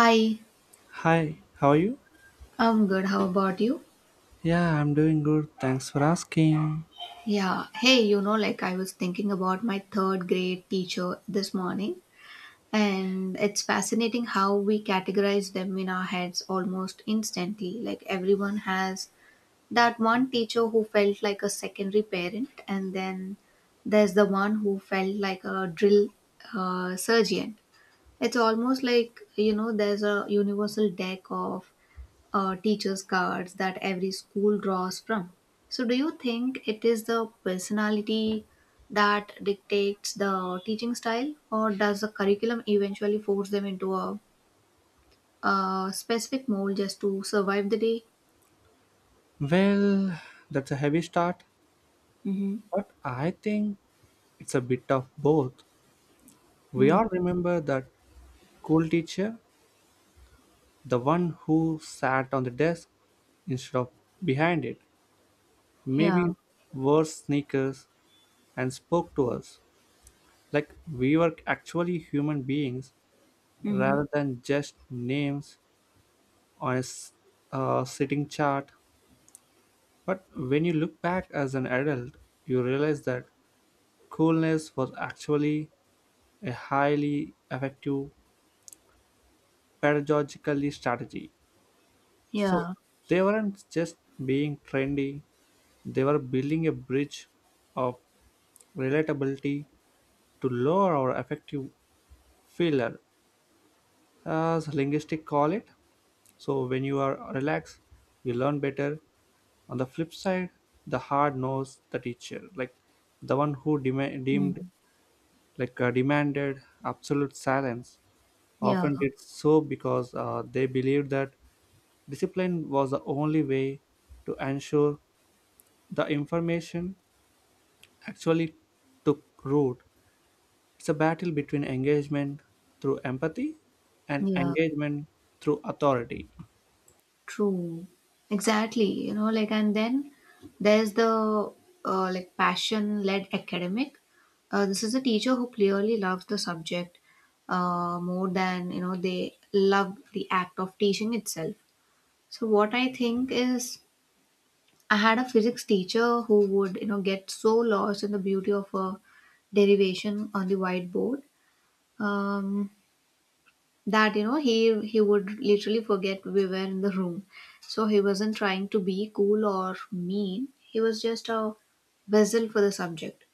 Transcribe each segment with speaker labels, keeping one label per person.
Speaker 1: Hi,
Speaker 2: Hi, how are you?
Speaker 1: I'm good. How about you?
Speaker 2: Yeah, I'm doing good. Thanks for asking.
Speaker 1: Yeah. Hey, you know, like I was thinking about my third grade teacher this morning, and it's fascinating how we categorize them in our heads almost instantly. Like everyone has that one teacher who felt like a secondary parent, and then there's the one who felt like a drill surgeon. It's almost like, you know, there's a universal deck of teachers' cards that every school draws from. So, do you think it is the personality that dictates the teaching style, or does the curriculum eventually force them into a specific mold just to survive the day?
Speaker 2: Well, that's a heavy start,
Speaker 1: Mm-hmm.
Speaker 2: but I think it's a bit of both. We
Speaker 1: Mm.
Speaker 2: all remember that cool teacher, the one who sat on the desk instead of behind it,
Speaker 1: Yeah.
Speaker 2: maybe wore sneakers and spoke to us like we were actually human beings
Speaker 1: Mm-hmm.
Speaker 2: rather than just names on a sitting chart. But when you look back as an adult, you realize that coolness was actually a highly effective pedagogical strategy. So
Speaker 1: Yeah.
Speaker 2: they weren't just being trendy, they were building a bridge of relatability to lower or effective filler, as linguistics call it. So when you are relaxed, you learn better. On the flip side, the hard knows the teacher, like the one who dem-
Speaker 1: Mm.
Speaker 2: deemed like demanded absolute silence
Speaker 1: Yeah.
Speaker 2: often did so because they believed that discipline was the only way to ensure the information actually took root. It's a battle between engagement through empathy and
Speaker 1: Yeah.
Speaker 2: engagement through authority.
Speaker 1: True. Exactly. You know, like, and then there's the like passion led academic. This is a teacher who clearly loves the subject more than, you know, they love the act of teaching itself. So, what I think is, I had a physics teacher who would, you know, get so lost in the beauty of a derivation on the whiteboard. Um, that you know he would literally forget we were in the room. So he wasn't trying to be cool or mean, he was just a vessel for the subject.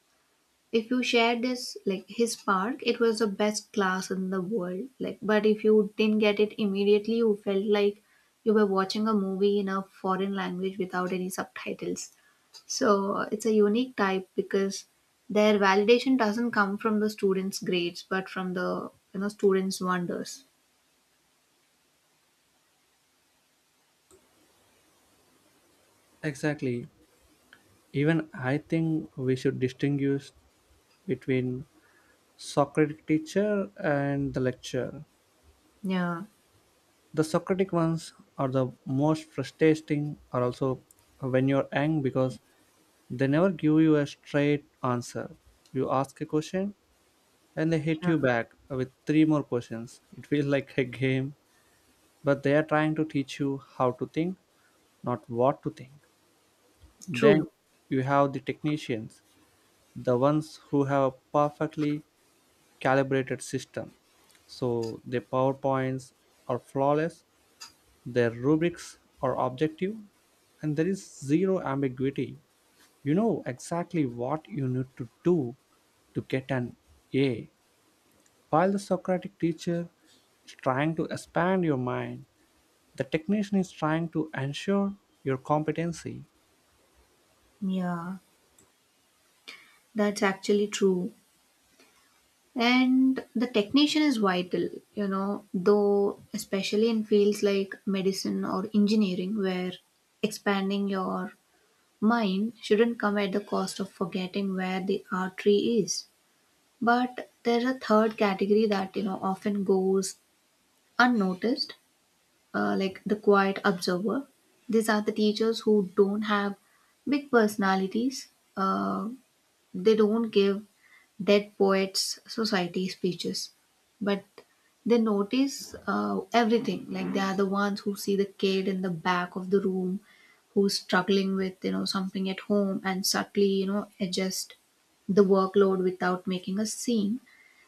Speaker 1: If you shared this like his spark, it was the best class in the world, like, but if you didn't get it immediately, you felt like you were watching a movie in a foreign language without any subtitles. So it's a unique type because their validation doesn't come from the students grades, but from the you know students wonders.
Speaker 2: Exactly. Even I think we should distinguish between socratic teacher and the lecture.
Speaker 1: Yeah,
Speaker 2: The Socratic ones are the most frustrating are also when you're young because they never give you a straight answer. You ask a question and they hit
Speaker 1: yeah,
Speaker 2: you back with three more questions. It feels like a game, but they are trying to teach you how to think, not what to think. Then
Speaker 1: true.
Speaker 2: you have the technicians, the ones who have a perfectly calibrated system so their powerpoints are flawless. Their rubrics are objective and there is zero ambiguity. You know exactly what you need to do to get an A. While the Socratic teacher is trying to expand your mind, the technician is trying to ensure your competency.
Speaker 1: Yeah, that's actually true. And the technician is vital, you know, though, especially in fields like medicine or engineering, where expanding your mind shouldn't come at the cost of forgetting where the artery is. But there's a third category that, you know, often goes unnoticed, like the quiet observer. These are the teachers who don't have big personalities. Uh, They don't give Dead Poets Society speeches, but they notice everything. Like they are the ones who see the kid in the back of the room who's struggling with you know something at home and subtly you know adjust the workload without making a scene.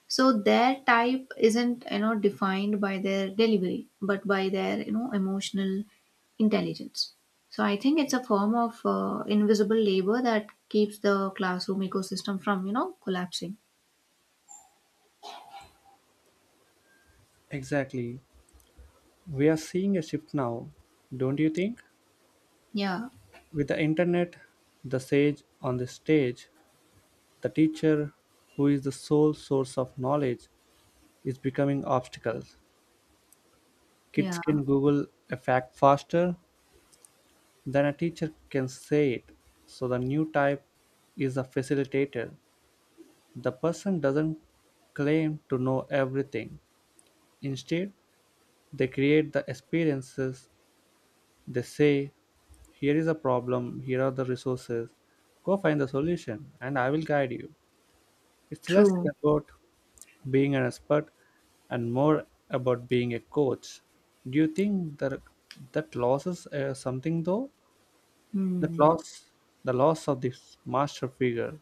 Speaker 1: So their type isn't you know defined by their delivery, but by their you know emotional intelligence. So I think it's a form of invisible labor that keeps the classroom ecosystem from you know collapsing.
Speaker 2: Exactly. We are seeing a shift now, don't you think?
Speaker 1: Yeah,
Speaker 2: With the internet, the sage on the stage, the teacher who is the sole source of knowledge is becoming obstacles. Kids
Speaker 1: yeah,
Speaker 2: can Google a fact faster than a teacher can say it. So the new type is a facilitator. The person doesn't claim to know everything. Instead, they create the experiences. They say, here is a problem, here are the resources. Go find the solution and I will guide you. It's less
Speaker 1: true.
Speaker 2: about being an expert and more about being a coach. Do you think that that loses something though? That
Speaker 1: Hmm.
Speaker 2: loss, the loss of this master figure.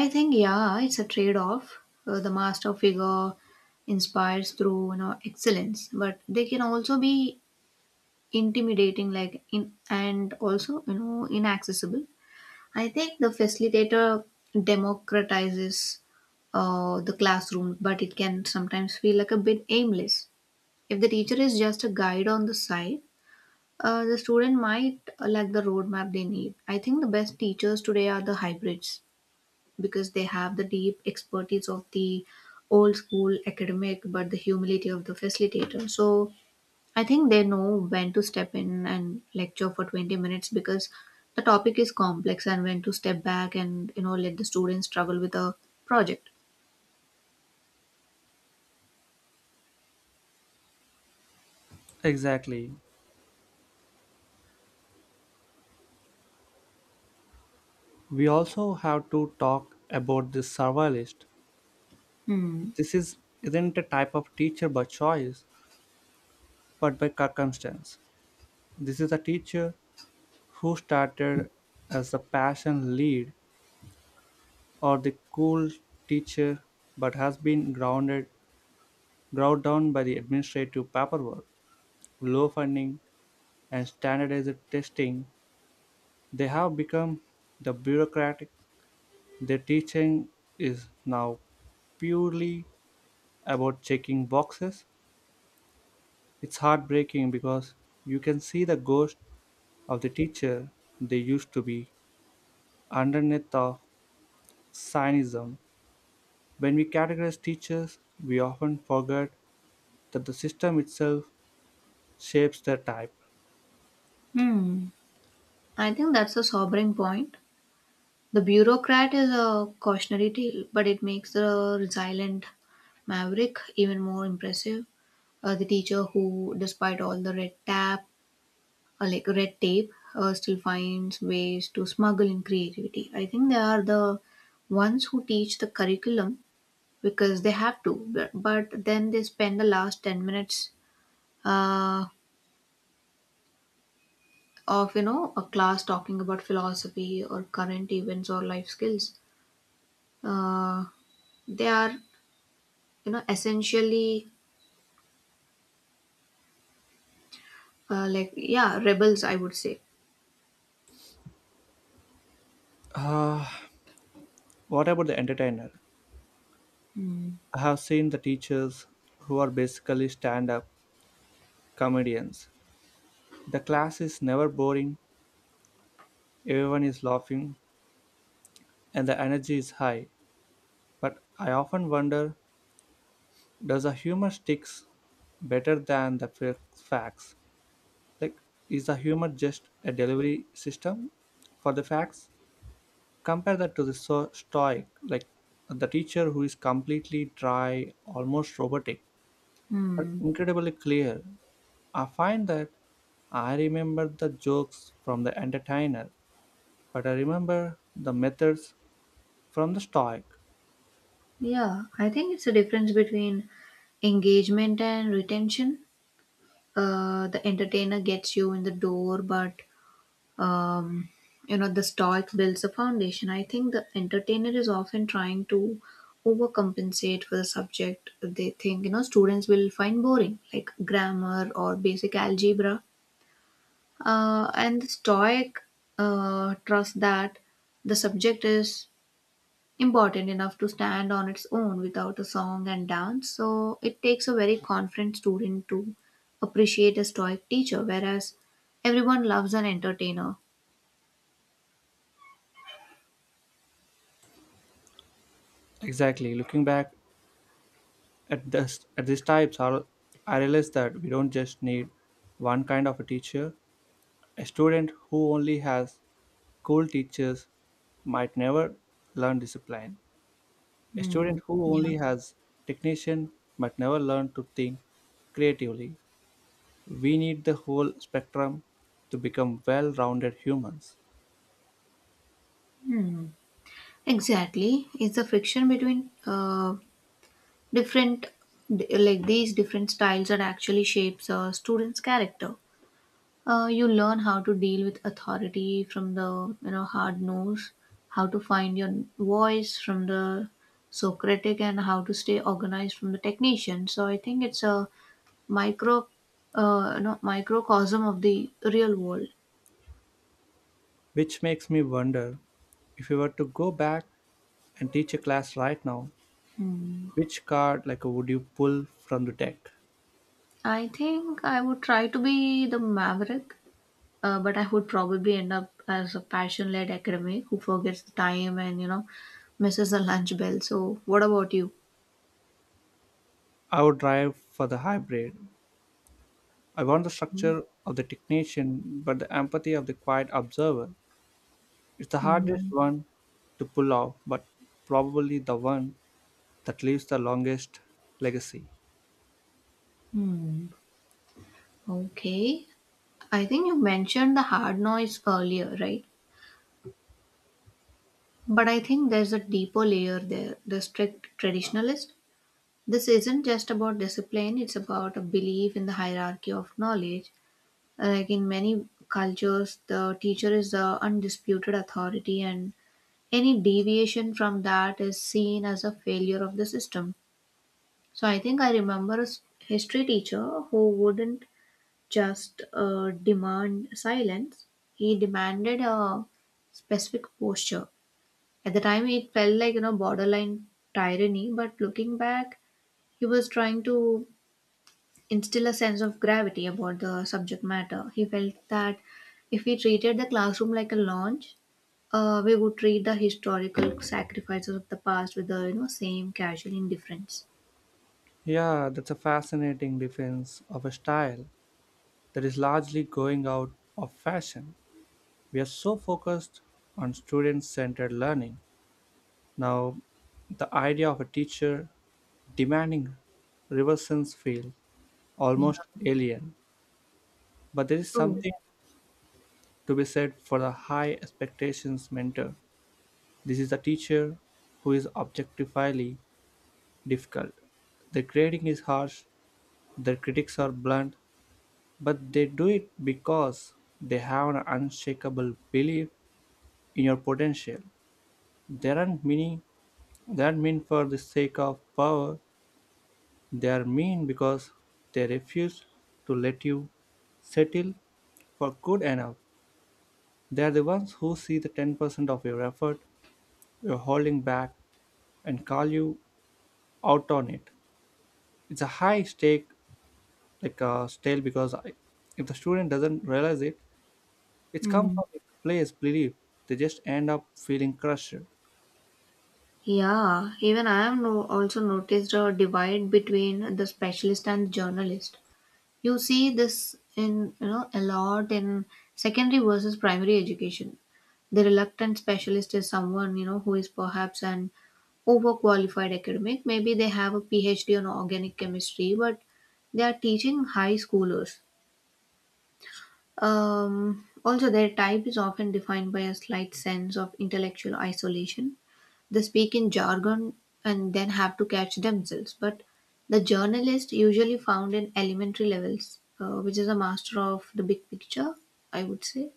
Speaker 1: I think yeah it's a trade off, the master figure inspires through you know excellence but they can also be intimidating, like, in, and also you know inaccessible. I think the facilitator democratizes the classroom, but it can sometimes feel like a bit aimless. If the teacher is just a guide on the side, the student might lack the roadmap they need. I think the best teachers today are the hybrids because they have the deep expertise of the old school academic, but the humility of the facilitator. So I think they know when to step in and lecture for 20 minutes because the topic is complex and when to step back and you know let the students struggle with a project.
Speaker 2: Exactly, we also have to talk about the survivalist.
Speaker 1: Hmm.
Speaker 2: This is isn't a type of teacher by choice but by circumstance. This is a teacher who started as a passion lead or the cool teacher but has been ground down by the administrative paperwork, low funding and standardized testing. They have become the bureaucratic. Their teaching is now purely about checking boxes. It's heartbreaking because you can see the ghost of the teacher they used to be underneath of cynism. When we categorize teachers, we often forget that the system itself shapes their type.
Speaker 1: Hmm. I think that's a sobering point. The bureaucrat is a cautionary tale, but it makes the resilient maverick even more impressive. The teacher who, despite all the red tape or like red tape still finds ways to smuggle in creativity. I think they are the ones who teach the curriculum because they have to, but then they spend the last 10 minutes uh, of you know a class talking about philosophy or current events or life skills. Uh, they are you know essentially like yeah rebels I would say.
Speaker 2: Ah, what about the entertainer?
Speaker 1: Hmm.
Speaker 2: I have seen the teachers who are basically stand up comedians. The class is never boring, everyone is laughing, and the energy is high. But I often wonder, does the humor sticks better than the facts? Like, is the humor just a delivery system for the facts? Compare that to the stoic, like the teacher who is completely dry, almost robotic, but
Speaker 1: Hmm.
Speaker 2: incredibly clear. I find that I remember the jokes from the entertainer, but I remember the methods from the stoic.
Speaker 1: Yeah, I think it's a difference between engagement and retention, the entertainer gets you in the door, but um, you know the stoic builds a foundation. I think the entertainer is often trying to overcompensate for the subject they think you know students will find boring, like grammar or basic algebra. And the stoic trust that the subject is important enough to stand on its own without a song and dance. So it takes a very confident student to appreciate a stoic teacher, whereas everyone loves an entertainer.
Speaker 2: Exactly. Looking back at these times, I realize that we don't just need one kind of a teacher. A student who only has cool teachers might never learn discipline. A
Speaker 1: Hmm.
Speaker 2: student who
Speaker 1: Yeah.
Speaker 2: only has technician might never learn to think creatively. We need the whole spectrum to become well rounded humans.
Speaker 1: Hmm. Exactly. It's the friction between different, like these different styles that actually shapes a student's character. You learn how to deal with authority from the you know hard nose, how to find your voice from the Socratic, and how to stay organized from the technician. So I think it's a micro, you know, microcosm of the real world.
Speaker 2: Which makes me wonder, if you were to go back and teach a class right now, which card like would you pull from the deck?
Speaker 1: I think I would try to be the maverick, but I would probably end up as a passion-led academic who forgets the time and you know misses the lunch bell. So what about you?
Speaker 2: I would drive for the hybrid. I want the structure of the technician, but the empathy of the quiet observer. It's the hardest
Speaker 1: Mhm.
Speaker 2: one to pull off, but probably the one that leaves the longest legacy.
Speaker 1: Okay. I think you mentioned the hard noise earlier, right? But I think there's a deeper layer there, the strict traditionalist. This isn't just about discipline, it's about a belief in the hierarchy of knowledge. Like in many cultures, the teacher is the undisputed authority, and any deviation from that is seen as a failure of the system. So I think I remember a history teacher who wouldn't just demand silence. He demanded a specific posture. At the time, it felt like, you know, borderline tyranny, but looking back, he was trying to instill a sense of gravity about the subject matter. He felt that if we treated the classroom like a lounge, we would treat the historical sacrifices of the past with the you know same casual indifference.
Speaker 2: Yeah, that's a fascinating defense of a style that is largely going out of fashion. We are so focused on student centered learning. Now, the idea of a teacher demanding reverse sense feels almost
Speaker 1: Yeah,
Speaker 2: alien. But there is
Speaker 1: true.
Speaker 2: something to be said for the high expectations mentor. This is a teacher who is objectively difficult. Their grading is harsh, their critics are blunt, but they do it because they have an unshakable belief in your potential. They aren't meaning they aren't mean for the sake of power, they are mean because they refuse to let you settle for good enough. They are the ones who see the 10% of your effort you're holding back and call you out on it. It's a high stake, like a stale because I, if the student doesn't realize it, it's come
Speaker 1: Hmm.
Speaker 2: from the place belief, they just end up feeling crushed.
Speaker 1: Yeah, even I have no, also noticed a divide between the specialist and the journalist. You see this in you know a lot in secondary versus primary education. The reluctant specialist is someone you know who is perhaps an overqualified academic. Maybe they have a PhD on organic chemistry, but they are teaching high schoolers. Also, their type is often defined by a slight sense of intellectual isolation. They speak in jargon and then have to catch themselves. But the journalist usually found in elementary levels, which is a master of the big picture, I would say.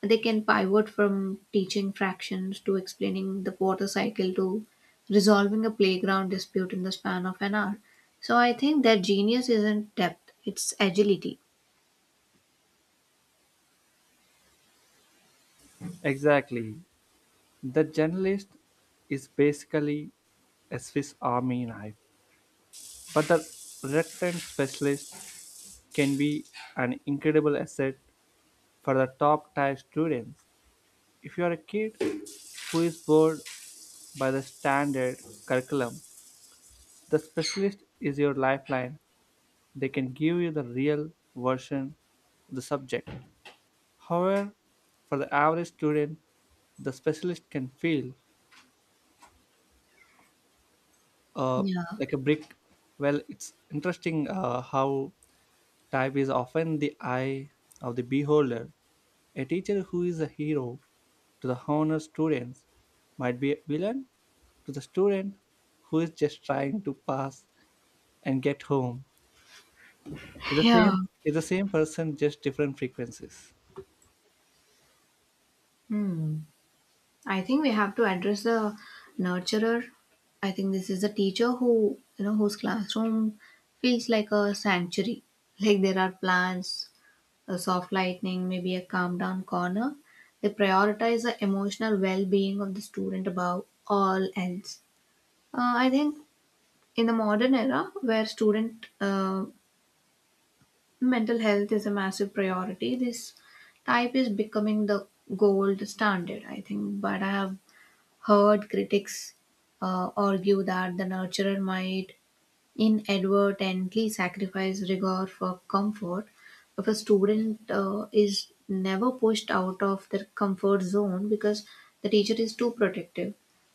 Speaker 1: They can pivot from teaching fractions to explaining the water cycle to resolving a playground dispute in the span of an hour. So I think their genius isn't depth, it's agility.
Speaker 2: Exactly. The journalist is basically a swiss army knife, but the reluctant specialist can be an incredible asset for the top tier students. If you are a kid who is bored by the standard curriculum, the specialist is your lifeline. They can give you the real version of the subject. However, for the average student, the specialist can feel uh,
Speaker 1: Yeah.
Speaker 2: like a brick. Well, it's interesting how type is often the eye of the beholder. A teacher who is a hero to the honor students might be a villain to the student who is just trying to pass and get home. It's the
Speaker 1: Yeah.
Speaker 2: same. It's the same person, just different frequencies.
Speaker 1: Hmm. I think we have to address the nurturer. I think this is a teacher who, you know, whose classroom feels like a sanctuary. Like there are plants, a soft lightning, maybe a calm down corner. They prioritize the emotional well being of the student above all else. I think in the modern era where student mental health is a massive priority, this type is becoming the gold standard, I think. But I have heard critics argue that the nurturer might inadvertently sacrifice rigor for comfort. If a student is never pushed out of their comfort zone because the teacher is too protective,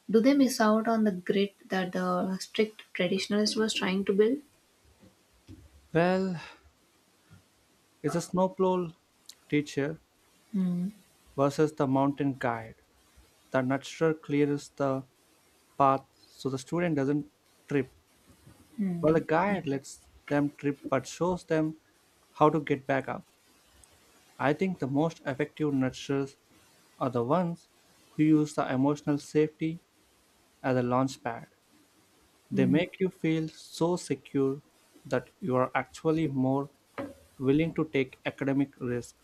Speaker 1: do they miss out on the grit that the strict traditionalist was trying to build?
Speaker 2: Well, it's a snowplow teacher
Speaker 1: Hmm.
Speaker 2: versus the mountain guide. The nurturer clears the path so the student doesn't trip, while the
Speaker 1: Hmm.
Speaker 2: guide lets them trip but shows them how to get back up. I think the most effective nurturers are the ones who use the emotional safety as a launch pad. They
Speaker 1: Hmm.
Speaker 2: make you feel so secure that you are actually more willing to take academic risk.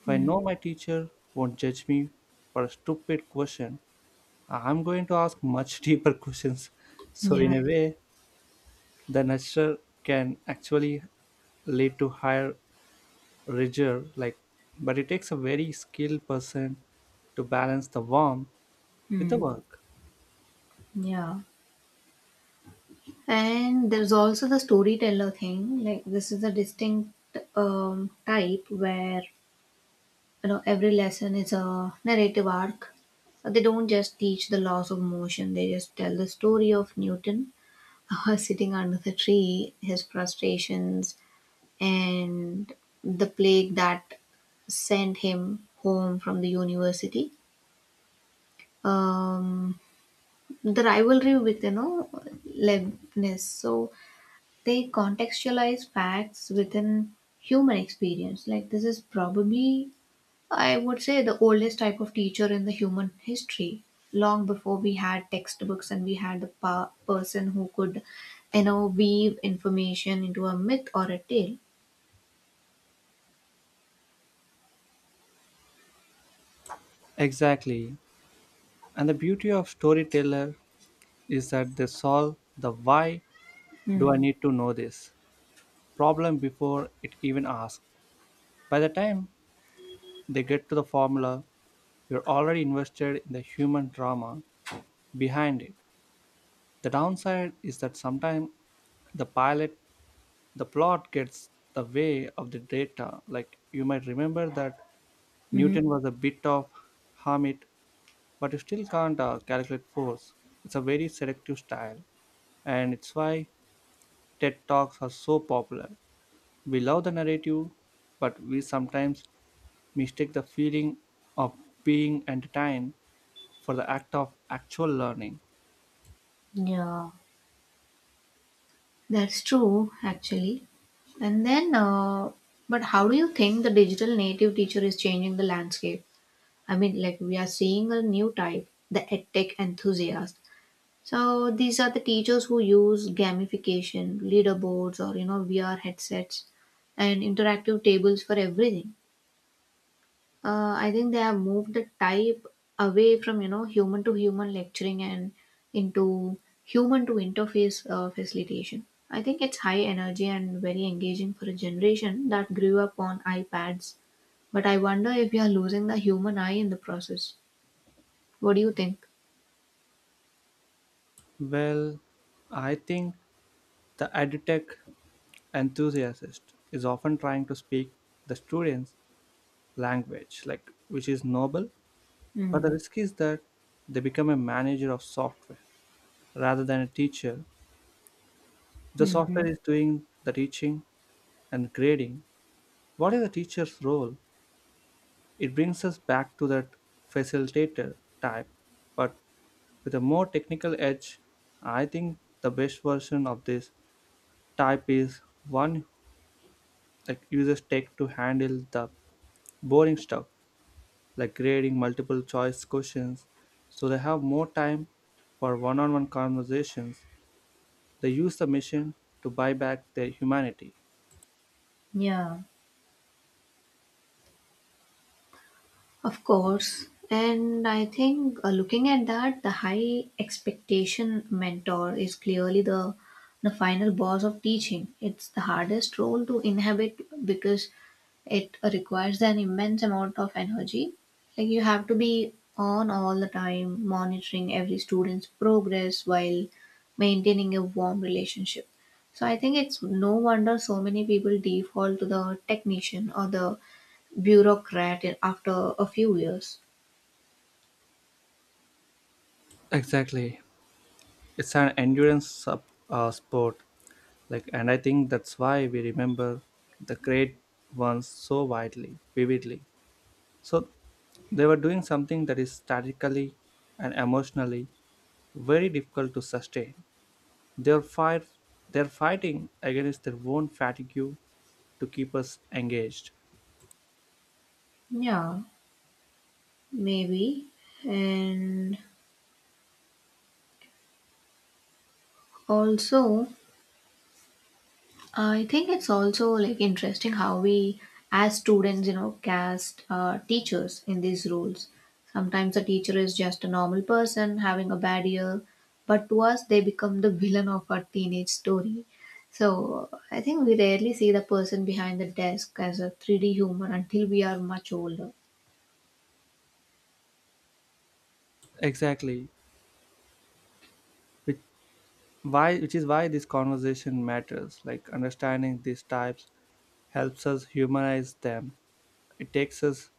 Speaker 2: If I
Speaker 1: Hmm.
Speaker 2: know my teacher won't judge me for a stupid question, I'm going to ask much deeper questions. So in
Speaker 1: Yeah.
Speaker 2: a way, the nature can actually lead to higher rigor, like, but it takes a very skilled person to balance the warmth with the
Speaker 1: Hmm.
Speaker 2: work.
Speaker 1: Yeah. And there's also the storyteller thing. Like this is a distinct type where you know every lesson is a narrative arc. They don't just teach the laws of motion. They just tell the story of Newton sitting under the tree, his frustrations, and the plague that sent him home from the university. Um, the rivalry with you know Leibniz. So they contextualize facts within human experience. Like, this is probably, I would say, the oldest type of teacher in the human history. Long before we had textbooks and we had the person who could, you know, weave information into a myth or a tale.
Speaker 2: Exactly. And the beauty of storyteller is that they solve the why
Speaker 1: Mm.
Speaker 2: do I
Speaker 1: Hmm.
Speaker 2: need to know this problem before it even asks. By the time they get to the formula, you're already invested in the human drama behind it. The downside is that sometimes the pilot, the plot gets the way of the data. Like you might remember that
Speaker 1: Mm-hmm.
Speaker 2: Newton was a bit of hermit, but you still can't calculate force. It's a very selective style, and it's why TED Talks are so popular. We love the narrative, but we sometimes mistake the feeling of being entertained for the act of actual learning.
Speaker 1: Yeah. That's true, actually. And then, but how do you think the digital native teacher is changing the landscape? I mean, like we are seeing a new type, the edtech enthusiast. So these are the teachers who use gamification, leaderboards, or you know VR headsets and interactive tables for everything. I think they have moved the type away from you know human to human lecturing and into human to interface facilitation. I think it's high energy and very engaging for a generation that grew up on iPads. But I wonder if we are losing the human eye in the process. What do you think?
Speaker 2: Well, I think the edutech enthusiast is often trying to speak the students' language, like, which is noble, but the
Speaker 1: Mm,
Speaker 2: risk is that they become a manager of software rather than a teacher. The software
Speaker 1: mhm.
Speaker 2: is doing the teaching and grading. What is the teacher's role? It brings us back to that facilitator type, but with a more technical edge. I think the best version of this type is one that users take to handle the boring stuff, like grading multiple choice questions, so they have more time for one on one conversations. They use the machine to buy back their humanity.
Speaker 1: Yeah, of course. And I think looking at that, the high expectation mentor is clearly the final boss of teaching. It's the hardest role to inhabit because it requires an immense amount of energy. Like you have to be on all the time, monitoring every student's progress while maintaining a warm relationship. So I think it's no wonder so many people default to the technician or the after a few years.
Speaker 2: Exactly. It's an endurance sport, like, and I think that's why we remember the great ones so widely vividly. So they were doing something that is statically and emotionally very difficult to sustain. They're fight they're fighting against their own fatigue to keep us engaged.
Speaker 1: Yeah, maybe. And also, I think it's also like interesting how we, as students, cast teachers in these roles. Sometimes a teacher is just a normal person having a bad year, but to us, they become the villain of our teenage story. So I think we rarely see the person behind the desk as a 3D human until we are much older.
Speaker 2: Exactly, which why which is why this conversation matters, like understanding these types helps us humanize them. it takes us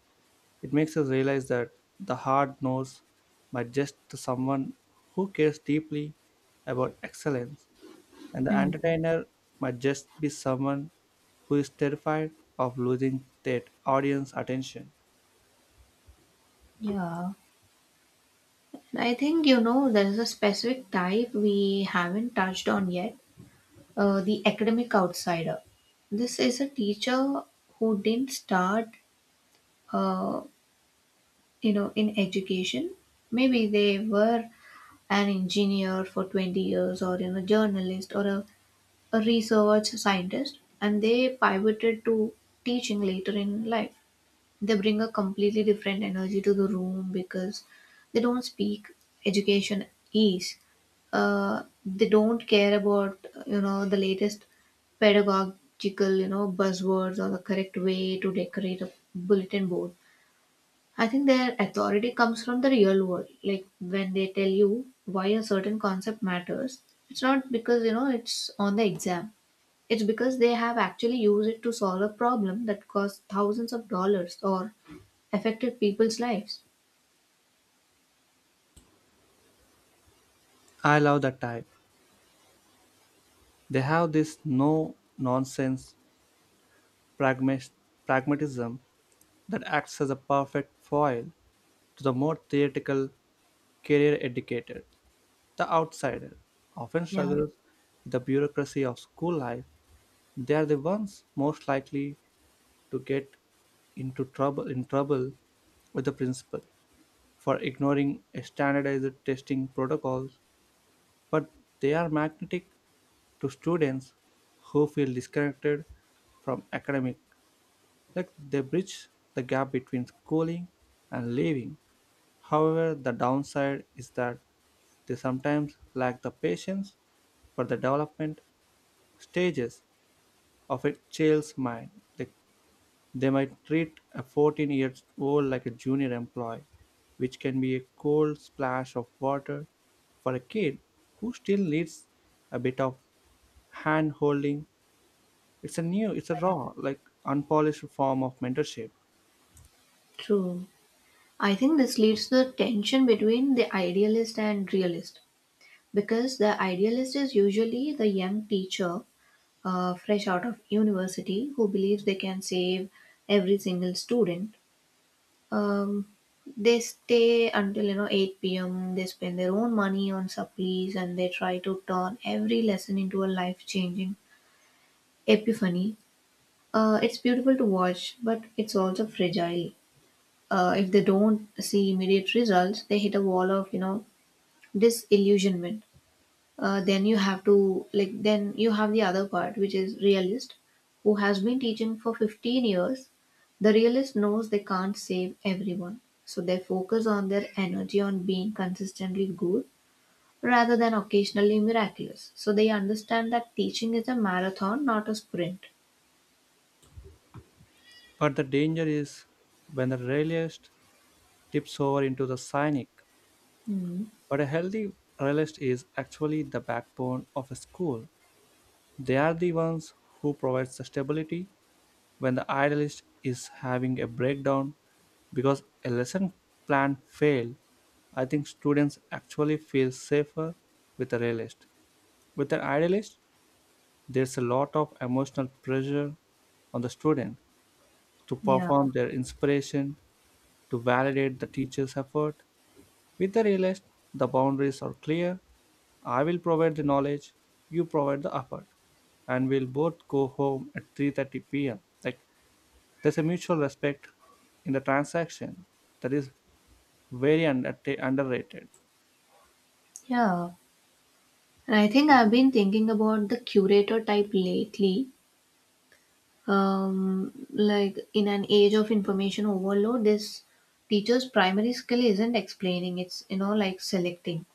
Speaker 2: It makes us realize that the hard knows but just to someone who cares deeply about excellence, and the
Speaker 1: Hmm.
Speaker 2: entertainer might just be someone who is terrified of losing their audience attention.
Speaker 1: Yeah. I think there's a specific type we haven't touched on yet, the academic outsider. This is a teacher who didn't start, uh, in education. Maybe they were an engineer for 20 years or journalist or a research scientist, and they pivoted to teaching later in life. They bring a completely different energy to the room because they don't speak education is. They don't care about the latest pedagogical buzzwords or the correct way to decorate a bulletin board. I think their authority comes from the real world. Like when they tell you why a certain concept matters, it's not because it's on the exam. It's because they have actually used it to solve a problem that cost thousands of dollars or affected people's lives.
Speaker 2: I love that type. They have this no nonsense pragmatism that acts as a perfect foil to the more theoretical, career educated. The outsider often
Speaker 1: Yeah,
Speaker 2: struggles with the bureaucracy of school life. They are the ones most likely to get into trouble in trouble with the principal for ignoring a standardized testing protocols, but they are magnetic to students who feel disconnected from academic, like they bridge the gap between schooling and living. However, the downside is that they sometimes lack the patience for the development stages of a child's mind. Like, they might treat a 14-year-old like a junior employee, which can be a cold splash of water for a kid who still needs a bit of hand holding. It's a new, it's a raw, like unpolished form of mentorship.
Speaker 1: true. I think this leads to the tension between the idealist and realist because the idealist is usually the young teacher, fresh out of university, who believes they can save every single student. Um, they stay until 8 p.m. They spend their own money on supplies, and they try to turn every lesson into a life changing epiphany. It's beautiful to watch, but it's also fragile. If they don't see immediate results, they hit a wall of disillusionment. Then you have the other part, which is realist, who has been teaching for 15 years. The realist knows they can't save everyone, so they focus on their energy on being consistently good rather than occasionally miraculous. So they understand that teaching is a marathon, not a sprint.
Speaker 2: But the danger is when the realist tips over into the cynic.
Speaker 1: Mm,
Speaker 2: But a healthy realist is actually the backbone of a school. They are the ones who provide the stability when the idealist is having a breakdown because a lesson plan failed. I think students actually feel safer with a realist. With an idealist, there's a lot of emotional pressure on the student to
Speaker 1: yeah.
Speaker 2: perform their inspiration, to validate the teacher's effort. With the realist, the boundaries are clear. I will provide the knowledge, you provide the effort, and we'll both go home at 3:30 p.m. Like there's a mutual respect in the transaction that is very underrated.
Speaker 1: Yeah, and I think I've been thinking about the curator type lately. Like in an age of information overload, this teacher's primary skill isn't explaining, it's, like, selecting.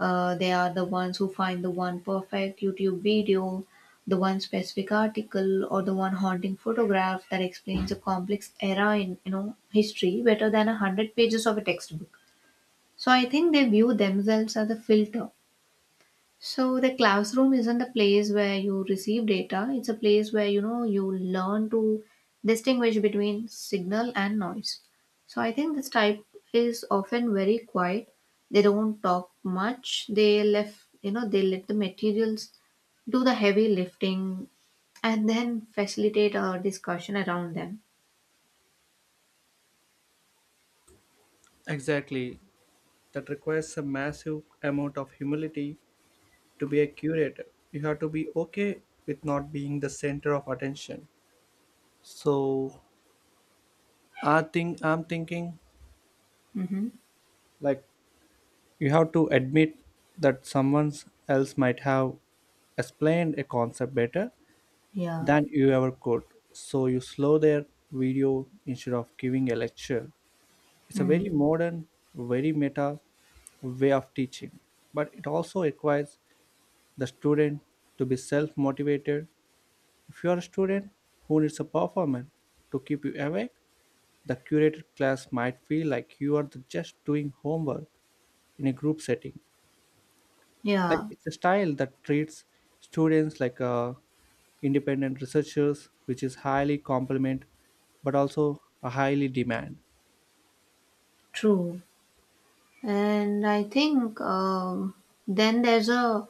Speaker 1: They are the ones who find the one perfect YouTube video, the one specific article, or the one haunting photograph that explains a complex era in history better than 100 pages of a textbook. So I think they view themselves as a filter. So the classroom isn't a place where you receive data, it's a place where you learn to distinguish between signal and noise. So I think this type is often very quiet. They don't talk much. They left, they let the materials do the heavy lifting and then facilitate our discussion around them.
Speaker 2: Exactly. That requires a massive amount of humility to be a curator. You have to be okay with not being the center of attention. So I think I'm thinking,
Speaker 1: Mm-hmm.
Speaker 2: like, you have to admit that someone else might have explained a concept better
Speaker 1: Yeah.
Speaker 2: than you ever could. So you slow their video instead of giving a lecture. It's a
Speaker 1: Mm.
Speaker 2: very modern, very meta way of teaching, but it also requires the student to be self motivated. If you are a student who needs a performer to keep you awake, the curated class might feel like you are just doing homework in a group setting. Like
Speaker 1: Yeah.
Speaker 2: it's a style that treats students like independent researchers, which is highly complement but also a highly demand.
Speaker 1: True. And I think then there's a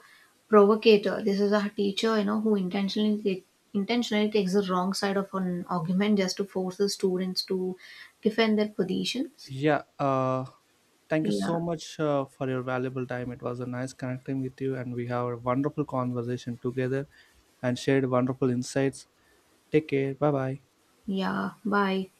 Speaker 1: provocator. This is a teacher, who intentionally takes the wrong side of an argument just to force the students to defend their positions.
Speaker 2: Yeah, thank you so
Speaker 1: Yeah,
Speaker 2: much for your valuable time. It was a nice connecting with you, and we have a wonderful conversation together and shared wonderful insights. Take care. Bye bye.
Speaker 1: yeah. Bye.